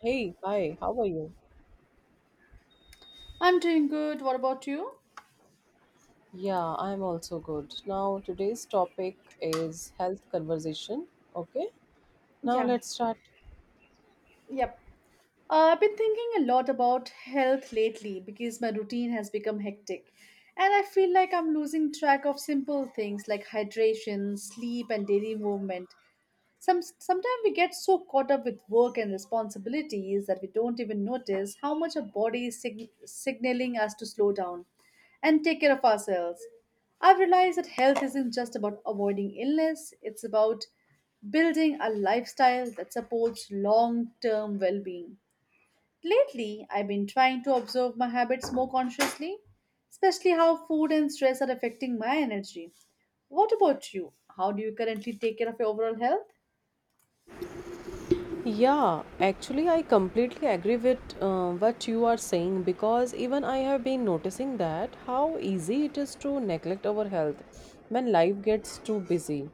Hey, hi, how are you? I'm doing good. What about you? Yeah, I'm also good. Now, today's topic is health conversation. Okay, now Yeah, let's start. yep. I've been thinking a lot about health lately because my routine has become hectic. And I feel like I'm losing track of simple things like hydration, sleep, and daily movement. Sometimes we get so caught up with work and responsibilities that we don't even notice how much our body is signaling us to slow down and take care of ourselves. I've realized that health isn't just about avoiding illness, it's about building a lifestyle that supports long term well being. Lately, I've been trying to observe my habits more consciously, especially how food and stress are affecting my energy. What about you? How do you currently take care of your overall health? Yeah, actually, I completely agree with what you are saying, because even I have been noticing that how easy it is to neglect our health when life gets too busy.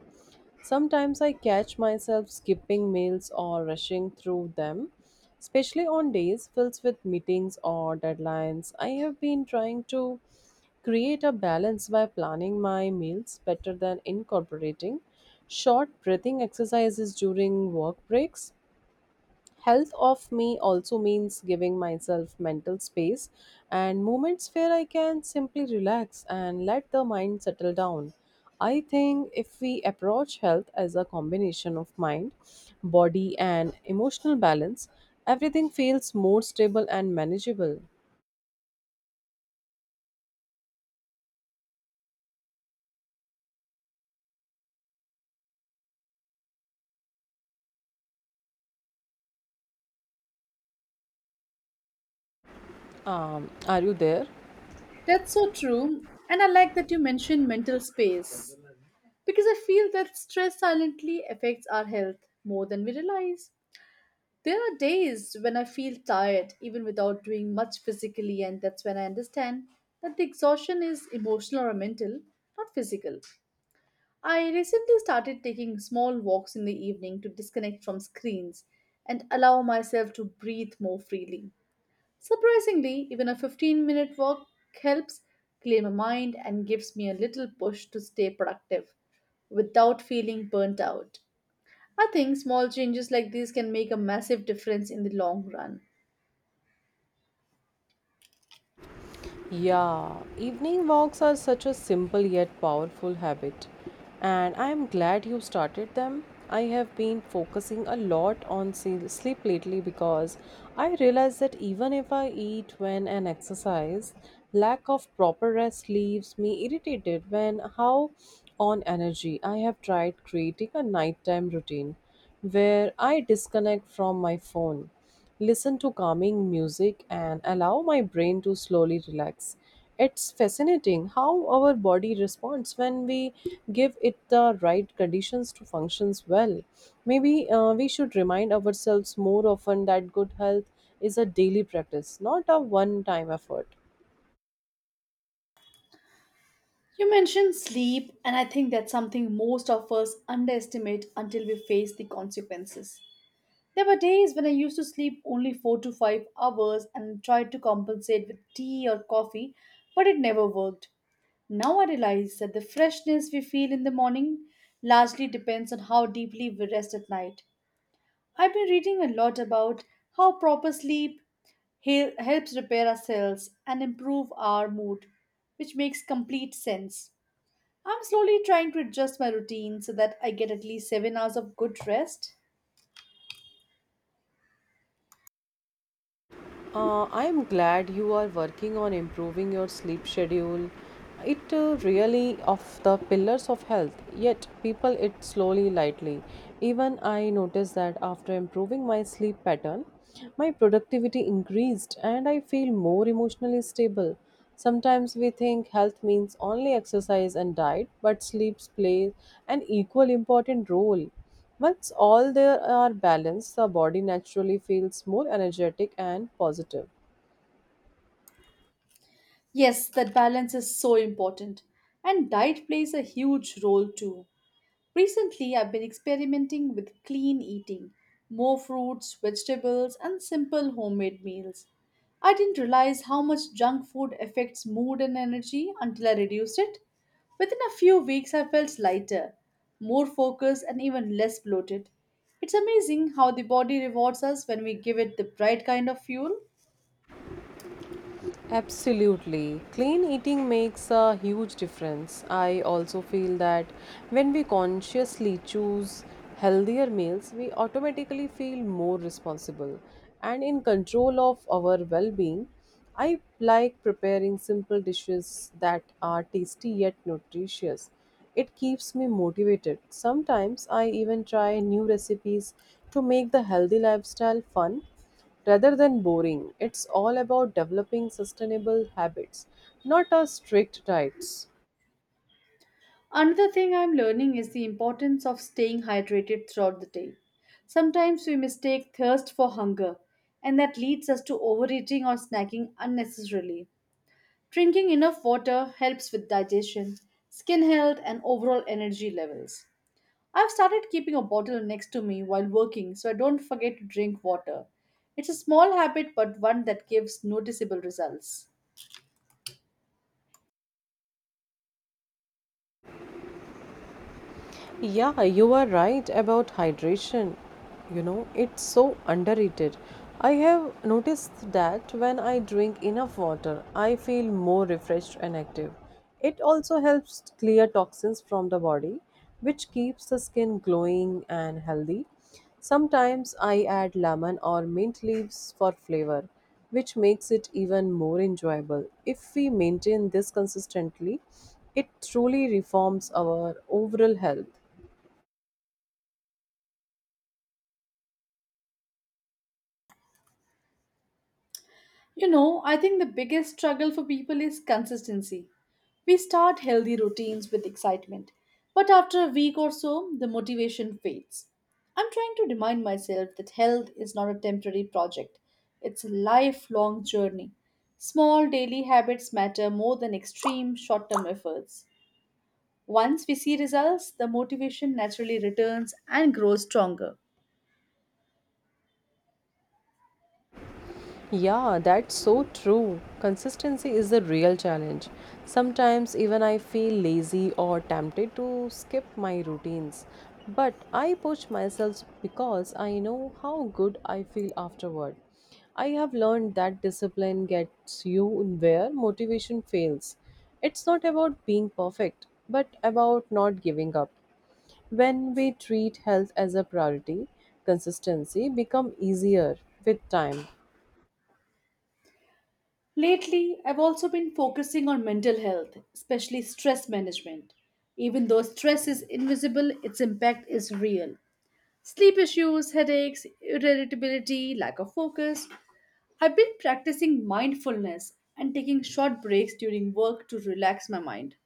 Sometimes I catch myself skipping meals or rushing through them, especially on days filled with meetings or deadlines. I have been trying to create a balance by planning my meals better than incorporating short breathing exercises during work breaks. Health of me also means giving myself mental space and moments where I can simply relax and let the mind settle down. I think if we approach health as a combination of mind, body, and emotional balance, everything feels more stable and manageable. Are you there? That's so true. And I like that you mentioned mental space because I feel that stress silently affects our health more than we realize. There are days when I feel tired even without doing much physically, and that's when I understand that the exhaustion is emotional or mental, not physical. I recently started taking small walks in the evening to disconnect from screens and allow myself to breathe more freely. Surprisingly, even a 15-minute walk helps clear my mind and gives me a little push to stay productive without feeling burnt out. I think small changes like these can make a massive difference in the long run. Yeah, evening walks are such a simple yet powerful habit, and I am glad you started them. I have been focusing a lot on sleep lately because I realize that even if I eat when and exercise, lack of proper rest leaves me irritated when how on energy. I have tried creating a nighttime routine where I disconnect from my phone, listen to calming music, and allow my brain to slowly relax. It's fascinating how our body responds when we give it the right conditions to functions well. Maybe we should remind ourselves more often that good health is a daily practice, not a one time effort. You mentioned sleep, and I think that's something most of us underestimate until we face the consequences. There were days when I used to sleep only 4 to 5 hours and tried to compensate with tea or coffee, but it never worked. Now I realize that the freshness we feel in the morning largely depends on how deeply we rest at night. I've been reading a lot about how proper sleep helps repair our cells and improve our mood, which makes complete sense. I'm slowly trying to adjust my routine so that I get at least 7 hours of good rest. I am glad you are working on improving your sleep schedule. It really of the pillars of health. Yet people it slowly lightly. Even I noticed that after improving my sleep pattern, my productivity increased and I feel more emotionally stable. Sometimes we think health means only exercise and diet, but sleeps play an equal important role. Once all there are balanced, the body naturally feels more energetic and positive. Yes, that balance is so important, and diet plays a huge role too. Recently, I've been experimenting with clean eating, more fruits, vegetables, and simple homemade meals. I didn't realize how much junk food affects mood and energy until I reduced it. Within a few weeks, I felt lighter, more focused, and even less bloated. It's amazing how the body rewards us when we give it the right kind of fuel. Absolutely. Clean eating makes a huge difference. I also feel that when we consciously choose healthier meals, we automatically feel more responsible and in control of our well being. I like preparing simple dishes that are tasty yet nutritious. It keeps me motivated. Sometimes I even try new recipes to make the healthy lifestyle fun rather than boring. It's all about developing sustainable habits, not a strict diets. Another thing I'm learning is the importance of staying hydrated throughout the day. Sometimes we mistake thirst for hunger, and that leads us to overeating or snacking unnecessarily. Drinking enough water helps with digestion, skin health, and overall energy levels. I've started keeping a bottle next to me while working so I don't forget to drink water. It's a small habit, but one that gives noticeable results. Yeah, you are right about hydration. You know, it's so underrated. I have noticed that when I drink enough water, I feel more refreshed and active. It also helps clear toxins from the body, which keeps the skin glowing and healthy. Sometimes I add lemon or mint leaves for flavor, which makes it even more enjoyable. If we maintain this consistently, it truly reforms our overall health. You know, I think the biggest struggle for people is consistency. We start healthy routines with excitement, but after a week or so, the motivation fades. I'm trying to remind myself that health is not a temporary project, it's a lifelong journey. Small daily habits matter more than extreme short term efforts. Once we see results, the motivation naturally returns and grows stronger. Yeah, that's so true. Consistency is the real challenge. Sometimes even I feel lazy or tempted to skip my routines. But I push myself because I know how good I feel afterward. I have learned that discipline gets you where motivation fails. It's not about being perfect, but about not giving up. When we treat health as a priority, consistency become easier with time. Lately, I've also been focusing on mental health, especially stress management. Even though stress is invisible, its impact is real. Sleep issues, headaches, irritability, lack of focus. I've been practicing mindfulness and taking short breaks during work to relax my mind.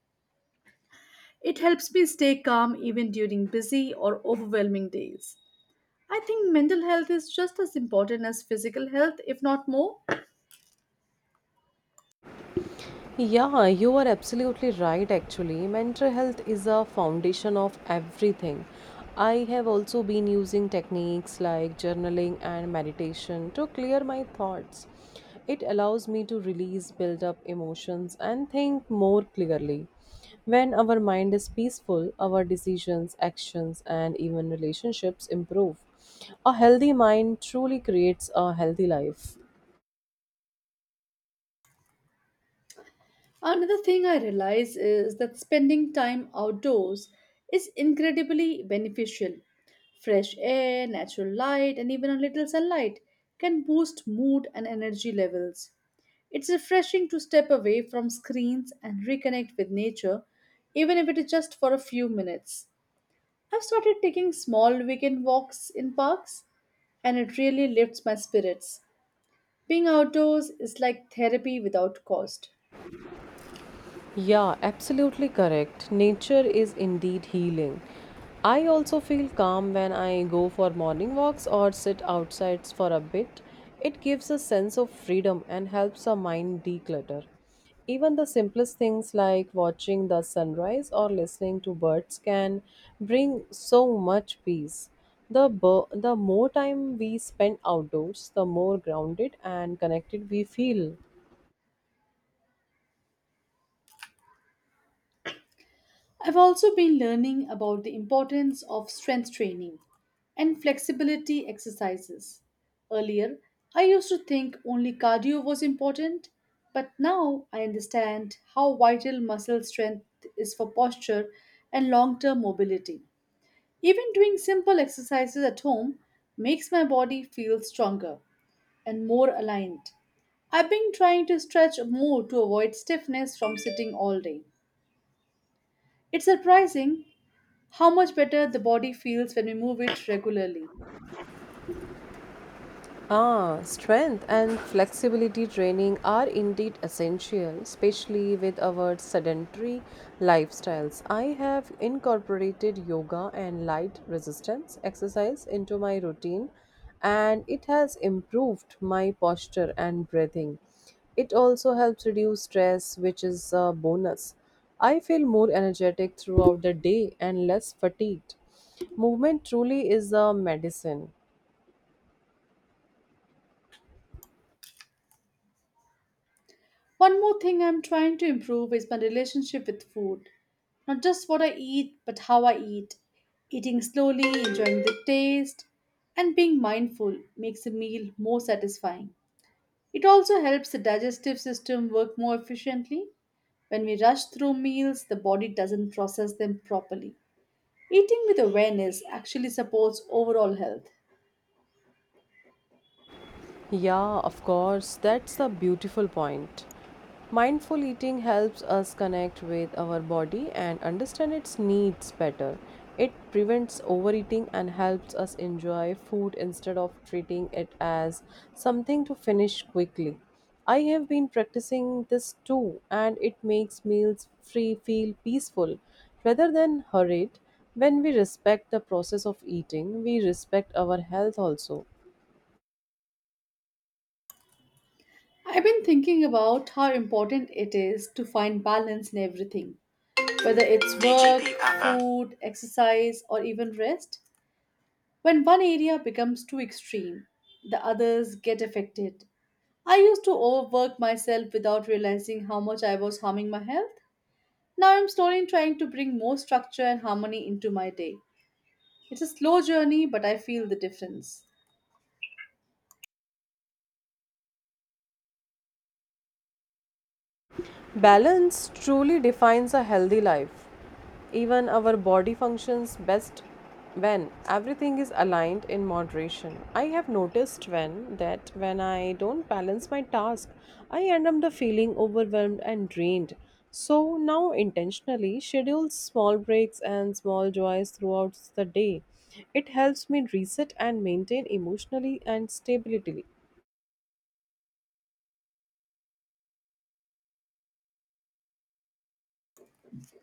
It helps me stay calm even during busy or overwhelming days. I think mental health is just as important as physical health, if not more. Yeah, you are absolutely right, actually. Mental health is a foundation of everything. I have also been using techniques like journaling and meditation to clear my thoughts. It allows me to release build up emotions and think more clearly. When our mind is peaceful, our decisions, actions, and even relationships improve. A healthy mind truly creates a healthy life. Another thing I realize is that spending time outdoors is incredibly beneficial. Fresh air, natural light, and even a little sunlight can boost mood and energy levels. It's refreshing to step away from screens and reconnect with nature, even if it is just for a few minutes. I've started taking small weekend walks in parks, and it really lifts my spirits. Being outdoors is like therapy without cost. Yeah, absolutely correct. Nature is indeed healing. I also feel calm when I go for morning walks or sit outside for a bit. It gives a sense of freedom and helps our mind declutter. Even the simplest things like watching the sunrise or listening to birds can bring so much peace. The more time we spend outdoors, the more grounded and connected we feel. I've also been learning about the importance of strength training and flexibility exercises. Earlier, I used to think only cardio was important, but now I understand how vital muscle strength is for posture and long term mobility. Even doing simple exercises at home makes my body feel stronger and more aligned. I've been trying to stretch more to avoid stiffness from sitting all day. It's surprising how much better the body feels when we move it regularly. Ah, strength and flexibility training are indeed essential, especially with our sedentary lifestyles. I have incorporated yoga and light resistance exercise into my routine, and it has improved my posture and breathing. It also helps reduce stress, which is a bonus. I feel more energetic throughout the day and less fatigued. Movement truly is a medicine. One more thing I'm trying to improve is my relationship with food. Not just what I eat, but how I eat. Eating slowly, enjoying the taste, and being mindful makes a meal more satisfying. It also helps the digestive system work more efficiently. When we rush through meals, the body doesn't process them properly. Eating with awareness actually supports overall health. Yeah, of course, that's a beautiful point. Mindful eating helps us connect with our body and understand its needs better. It prevents overeating and helps us enjoy food instead of treating it as something to finish quickly. I have been practicing this too, and it makes meals free feel peaceful rather than hurried. When we respect the process of eating, we respect our health also. I've been thinking about how important it is to find balance in everything, whether it's work, food, exercise, or even rest. When one area becomes too extreme, the others get affected. I used to overwork myself without realizing how much I was harming my health. Now I'm slowly trying to bring more structure and harmony into my day. It's a slow journey, but I feel the difference. Balance truly defines a healthy life. Even our body functions best when everything is aligned in moderation. I have noticed when that when I don't balance my task, I end up the feeling overwhelmed and drained. So now intentionally schedule small breaks and small joys throughout the day. It helps me reset and maintain emotionally and stability.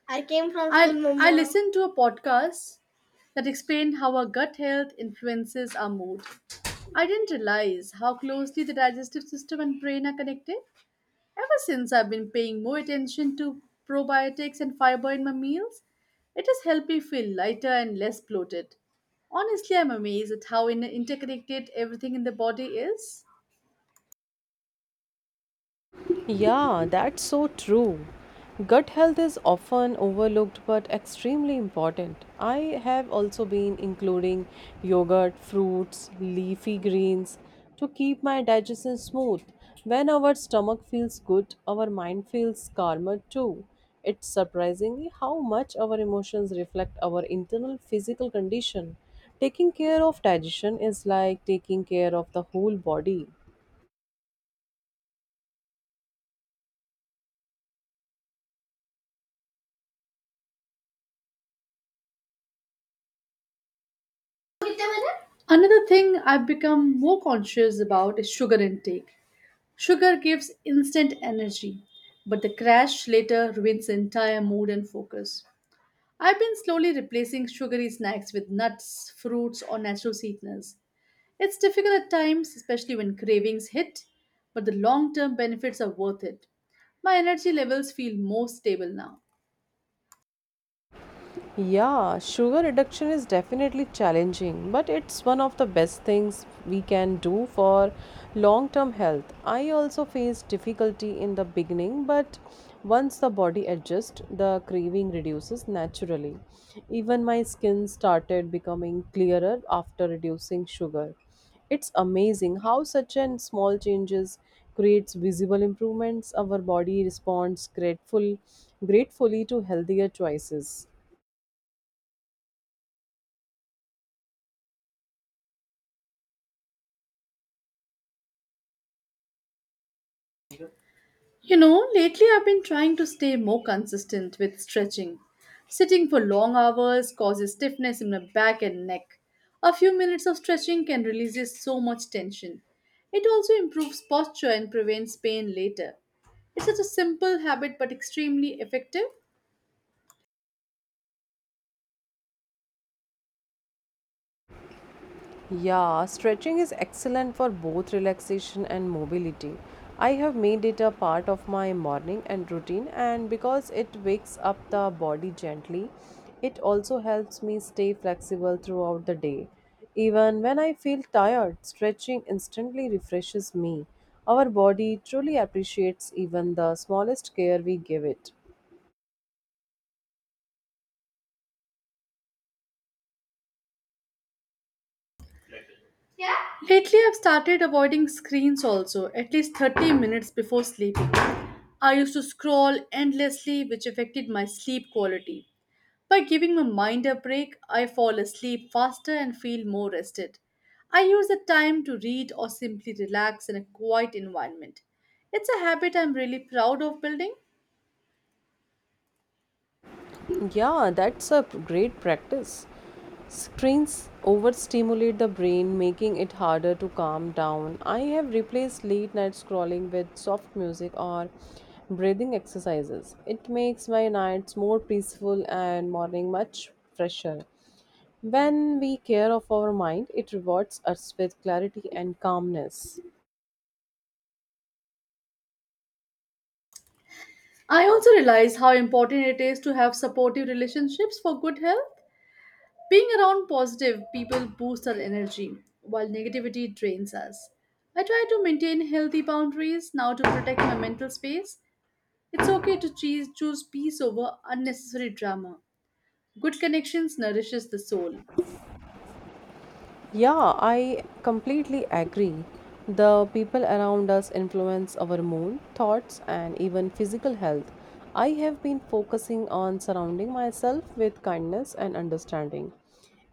I came from I Mumma. Listened to a podcast that explained how our gut health influences our mood. I didn't realize how closely the digestive system and brain are connected. Ever since I've been paying more attention to probiotics and fiber in my meals, it has helped me feel lighter and less bloated. Honestly, I'm amazed at how interconnected everything in the body is. Yeah, that's so true. Gut health is often overlooked but extremely important. I have also been including yogurt, fruits, leafy greens to keep my digestion smooth. When our stomach feels good, our mind feels calmer too. It's surprisingly how much our emotions reflect our internal physical condition. Taking care of digestion is like taking care of the whole body. Another thing I've become more conscious about is sugar intake. Sugar gives instant energy, but the crash later ruins the entire mood and focus. I've been slowly replacing sugary snacks with nuts, fruits, or natural sweeteners. It's difficult at times, especially when cravings hit, but the long term benefits are worth it. My energy levels feel more stable now. Yeah, sugar reduction is definitely challenging, but it's one of the best things we can do for long term health. I also faced difficulty in the beginning, but once the body adjusts, the craving reduces naturally. Even my skin started becoming clearer after reducing sugar. It's amazing how such an small changes creates visible improvements. Our body responds gratefully to healthier choices. You know, lately I've been trying to stay more consistent with stretching. Sitting for long hours causes stiffness in my back and neck. A few minutes of stretching can release so much tension. It also improves posture and prevents pain later. It's such a simple habit but extremely effective. Yeah, stretching is excellent for both relaxation and mobility. I have made it a part of my morning and routine, and because it wakes up the body gently, it also helps me stay flexible throughout the day. Even when I feel tired, stretching instantly refreshes me. Our body truly appreciates even the smallest care we give it. Lately I've started avoiding screens also, at least 30 minutes before sleeping. I used to scroll endlessly, which affected my sleep quality. By giving my mind a break, I fall asleep faster and feel more rested. I use the time to read or simply relax in a quiet environment. It's a habit I'm really proud of building. Yeah, that's a great practice. Screens overstimulate the brain, making it harder to calm down. I have replaced late night scrolling with soft music or breathing exercises. It makes my nights more peaceful and morning much fresher. When we care of our mind, it rewards us with clarity and calmness. I also realize how important it is to have supportive relationships for good health. Being around positive people boosts our energy, while negativity drains us. I try to maintain healthy boundaries now to protect my mental space. It's okay to choose peace over unnecessary drama. Good connections nourishes the soul. Yeah, I completely agree. The people around us influence our mood, thoughts, and even physical health. I have been focusing on surrounding myself with kindness and understanding.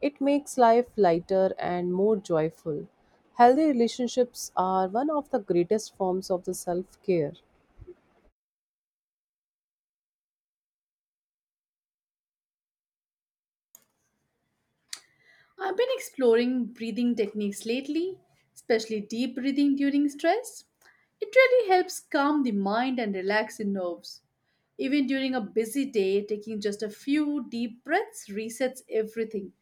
It makes life lighter and more joyful. Healthy relationships are one of the greatest forms of the self care. I've been exploring breathing techniques lately, especially deep breathing during stress. It really helps calm the mind and relax the nerves. Even during a busy day, taking just a few deep breaths resets everything.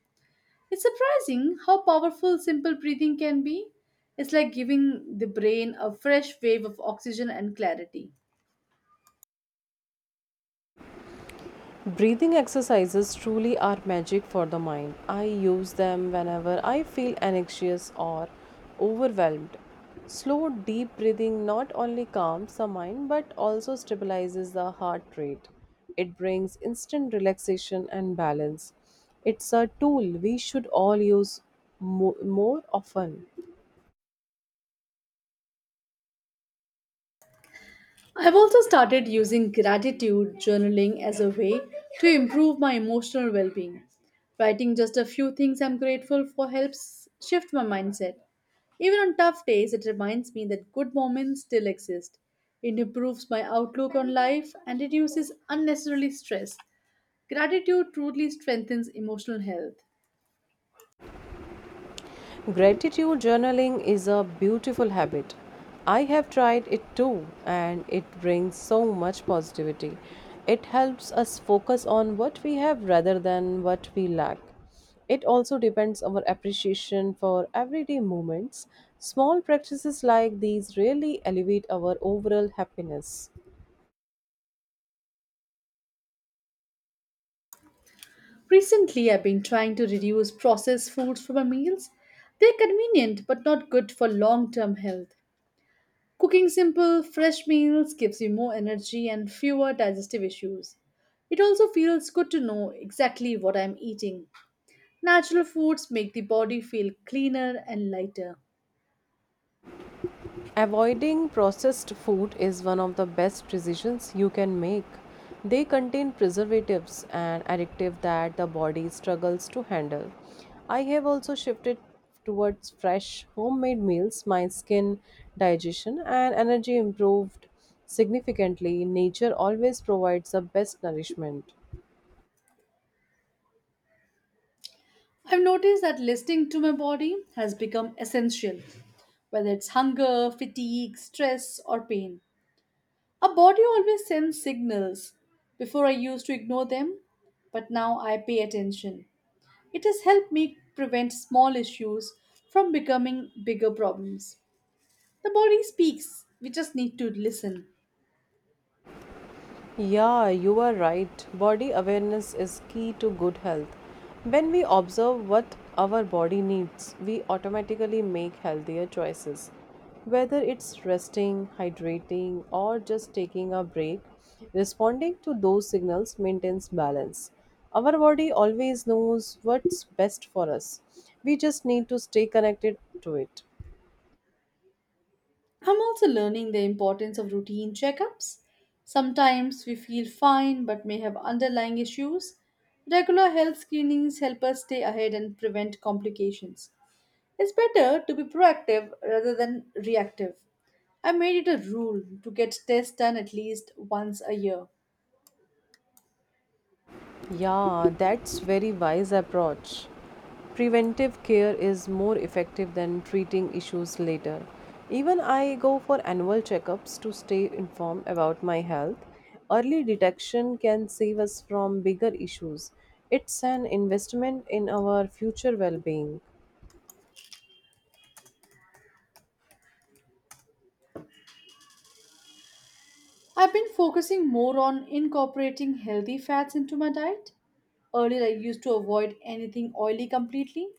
It's surprising how powerful simple breathing can be. It's like giving the brain a fresh wave of oxygen and clarity. Breathing exercises truly are magic for the mind. I use them whenever I feel anxious or overwhelmed. Slow, deep breathing not only calms the mind but also stabilizes the heart rate. It brings instant relaxation and balance. It's a tool we should all use more often. I've also started using gratitude journaling as a way to improve my emotional well being. Writing just a few things I'm grateful for helps shift my mindset. Even on tough days, it reminds me that good moments still exist. It improves my outlook on life and reduces unnecessary stress. Gratitude truly strengthens emotional health. Gratitude journaling is a beautiful habit. I have tried it too, and it brings so much positivity. It helps us focus on what we have rather than what we lack. It also depends our appreciation for everyday moments. Small practices like these really elevate our overall happiness. Recently, I've been trying to reduce processed foods from my meals. They're convenient but not good for long term health. Cooking simple, fresh meals gives you more energy and fewer digestive issues. It also feels good to know exactly what I'm eating. Natural foods make the body feel cleaner and lighter. Avoiding processed food is one of the best decisions you can make. They contain preservatives and additives that the body struggles to handle. I have also shifted towards fresh homemade meals. My skin, digestion, and energy improved significantly. Nature always provides the best nourishment. I've noticed that listening to my body has become essential, whether it's hunger, fatigue, stress, or pain. Our body always sends signals. Before I used to ignore them, but now I pay attention. It has helped me prevent small issues from becoming bigger problems. The body speaks, we just need to listen. Yeah, you are right. Body awareness is key to good health. When we observe what our body needs, we automatically make healthier choices. Whether it's resting, hydrating, or just taking a break, responding to those signals maintains balance. Our body always knows what's best for us. We just need to stay connected to it. I'm also learning the importance of routine checkups. Sometimes we feel fine but may have underlying issues. Regular health screenings help us stay ahead and prevent complications. It's better to be proactive rather than reactive. I made it a rule to get tests done at least once a year. Yeah, that's very wise approach. Preventive care is more effective than treating issues later. Even I go for annual checkups to stay informed about my health. Early detection can save us from bigger issues. It's an investment in our future well being. I've been focusing more on incorporating healthy fats into my diet. Earlier, I used to avoid anything oily completely,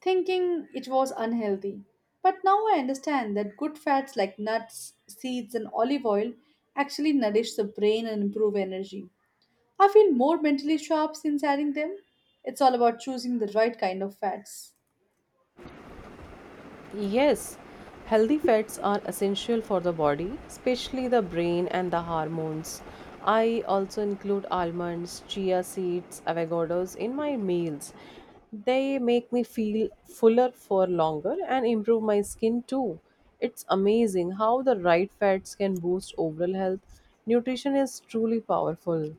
thinking it was unhealthy. But now I understand that good fats like nuts, seeds, and olive oil actually nourish the brain and improve energy. I feel more mentally sharp since adding them. It's all about choosing the right kind of fats. Yes, healthy fats are essential for the body, especially the brain and the hormones. I also include almonds, chia seeds, avocados in my meals. They make me feel fuller for longer and improve my skin too. It's amazing how the right fats can boost overall health. Nutrition is truly powerful.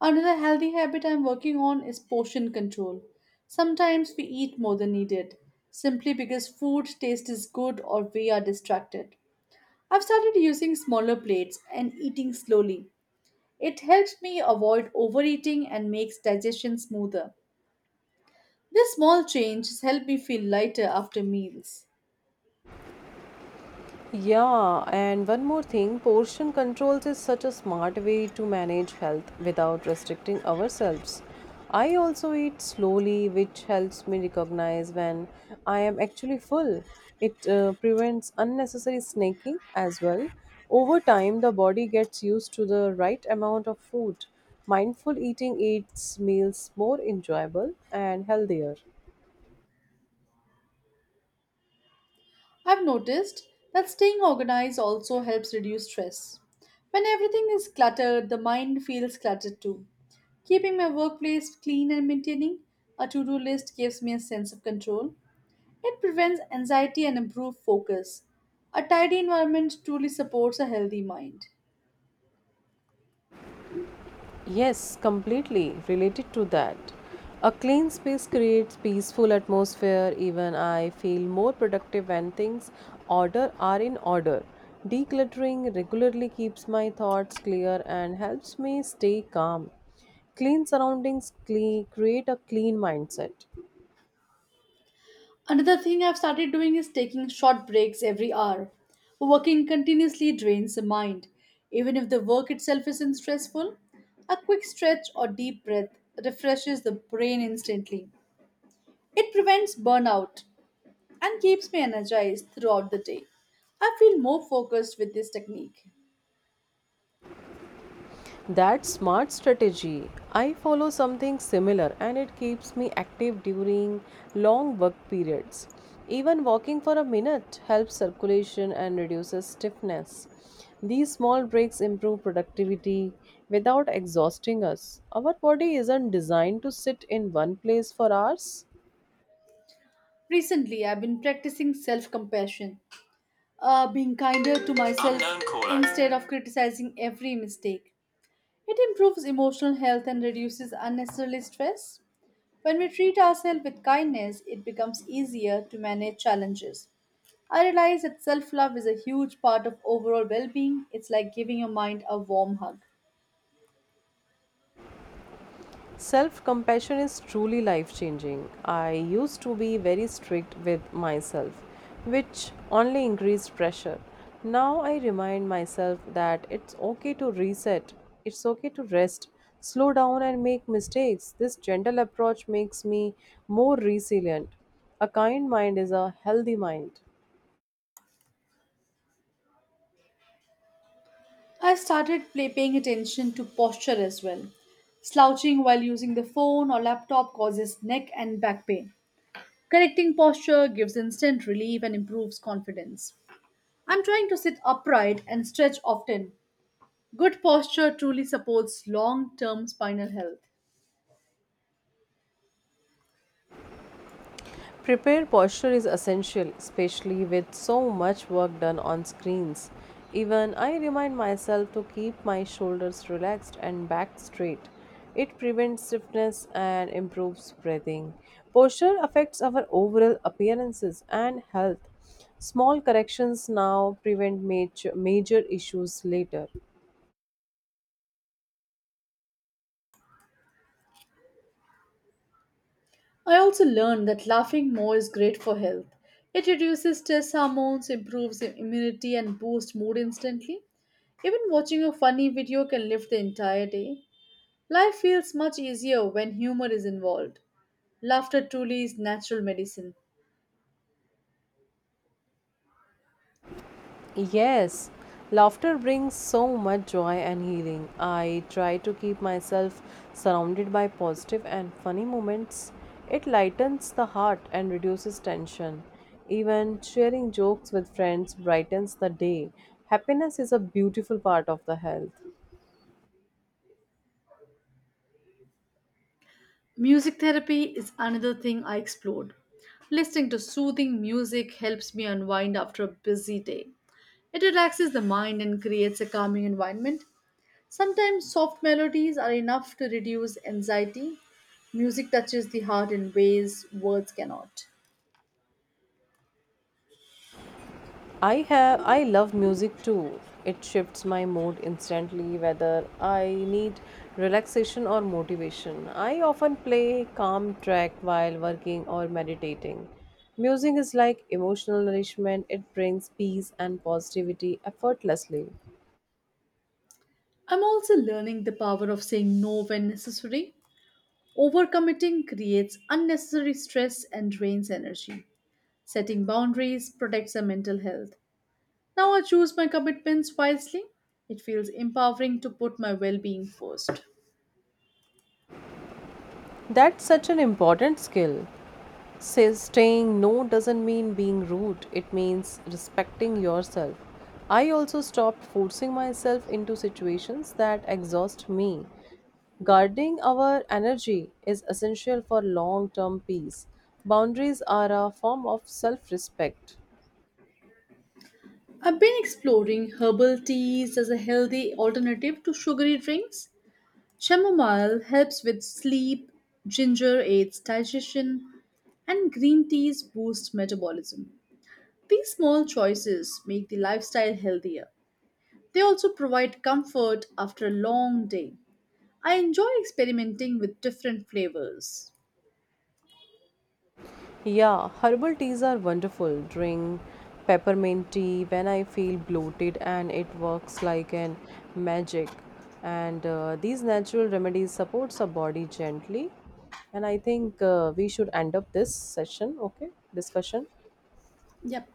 Another healthy habit I'm working on is portion control. Sometimes we eat more than needed, simply because food taste is good or we are distracted. I've started using smaller plates and eating slowly. It helps me avoid overeating and makes digestion smoother. This small change has helped me feel lighter after meals. Yeah, and one more thing, portion controls is such a smart way to manage health without restricting ourselves. I also eat slowly, which helps me recognize when I am actually full. It prevents unnecessary snacking as well. Over time, the body gets used to the right amount of food. Mindful eating makes meals more enjoyable and healthier. I've noticed that staying organized also helps reduce stress. When everything is cluttered, the mind feels cluttered too. Keeping my workplace clean and maintaining a to do list gives me a sense of control. It prevents anxiety and improves focus. A tidy environment truly supports a healthy mind. Yes, completely related to that. A clean space creates peaceful atmosphere. Even I feel more productive when things order are in order. Decluttering regularly keeps my thoughts clear and helps me stay calm. Clean surroundings create a clean mindset. Another thing I've started doing is taking short breaks every hour. Working continuously drains the mind. Even if the work itself isn't stressful, a quick stretch or deep breath refreshes the brain instantly. It prevents burnout and keeps me energized throughout the day. I feel more focused with this technique. That's smart strategy. I follow something similar and it keeps me active during long work periods. Even walking for a minute helps circulation and reduces stiffness. These small breaks improve productivity without exhausting us. Our body isn't designed to sit in one place for hours. Recently, I've been practicing self compassion, being kinder to myself instead of criticizing every mistake. It improves emotional health and reduces unnecessary stress. When we treat ourselves with kindness, it becomes easier to manage challenges. I realize that self love is a huge part of overall well being. It's like giving your mind a warm hug. Self compassion is truly life changing. I used to be very strict with myself, which only increased pressure. Now I remind myself that it's okay to reset, it's okay to rest, slow down, and make mistakes. This gentle approach makes me more resilient. A kind mind is a healthy mind. I paying attention to posture as well. Slouching while using the phone or laptop causes neck and back pain. Correcting posture gives instant relief and improves confidence. I'm trying to sit upright and stretch often. Good posture truly supports long term spinal health. Prepared posture is essential, especially with so much work done on screens. Even I remind myself to keep my shoulders relaxed and back straight. It prevents stiffness and improves breathing. Posture affects our overall appearances and health. Small corrections now prevent major issues later. I also learned that laughing more is great for health. It reduces stress hormones, improves immunity, and boosts mood instantly. Even watching a funny video can lift the entire day. Life feels much easier when humor is involved. Laughter truly is natural medicine. Yes, laughter brings so much joy and healing. I try to keep myself surrounded by positive and funny moments. It lightens the heart and reduces tension. Even sharing jokes with friends brightens the day. Happiness is a beautiful part of the health. Music therapy is another thing I explored. Listening to soothing music helps me unwind after a busy day. It relaxes the mind and creates a calming environment. Sometimes soft melodies are enough to reduce anxiety. Music touches the heart in ways words cannot. I love music too. It shifts my mood instantly whether I need relaxation or motivation. I often play calm track while working or meditating. Music is like emotional nourishment. It brings peace and positivity effortlessly. I'm also learning the power of saying no when necessary. Overcommitting creates unnecessary stress and drains energy. Setting boundaries protects our mental health. Now I choose my commitments wisely. It feels empowering to put my well being first. That's such an important skill. Says Saying no doesn't mean being rude, it means respecting yourself. I also stopped forcing myself into situations that exhaust me. Guarding our energy is essential for long term peace. Boundaries are a form of self respect. I've been exploring herbal teas as a healthy alternative to sugary drinks. Chamomile helps with sleep, ginger aids digestion, and green teas boost metabolism. These small choices make the lifestyle healthier. They also provide comfort after a long day. I enjoy experimenting with different flavors. Yeah, herbal teas are wonderful. Drink peppermint tea when I feel bloated, and it works like an magic. And these natural remedies supports our body gently. And I think we should end up this session, okay? Discussion. Yep.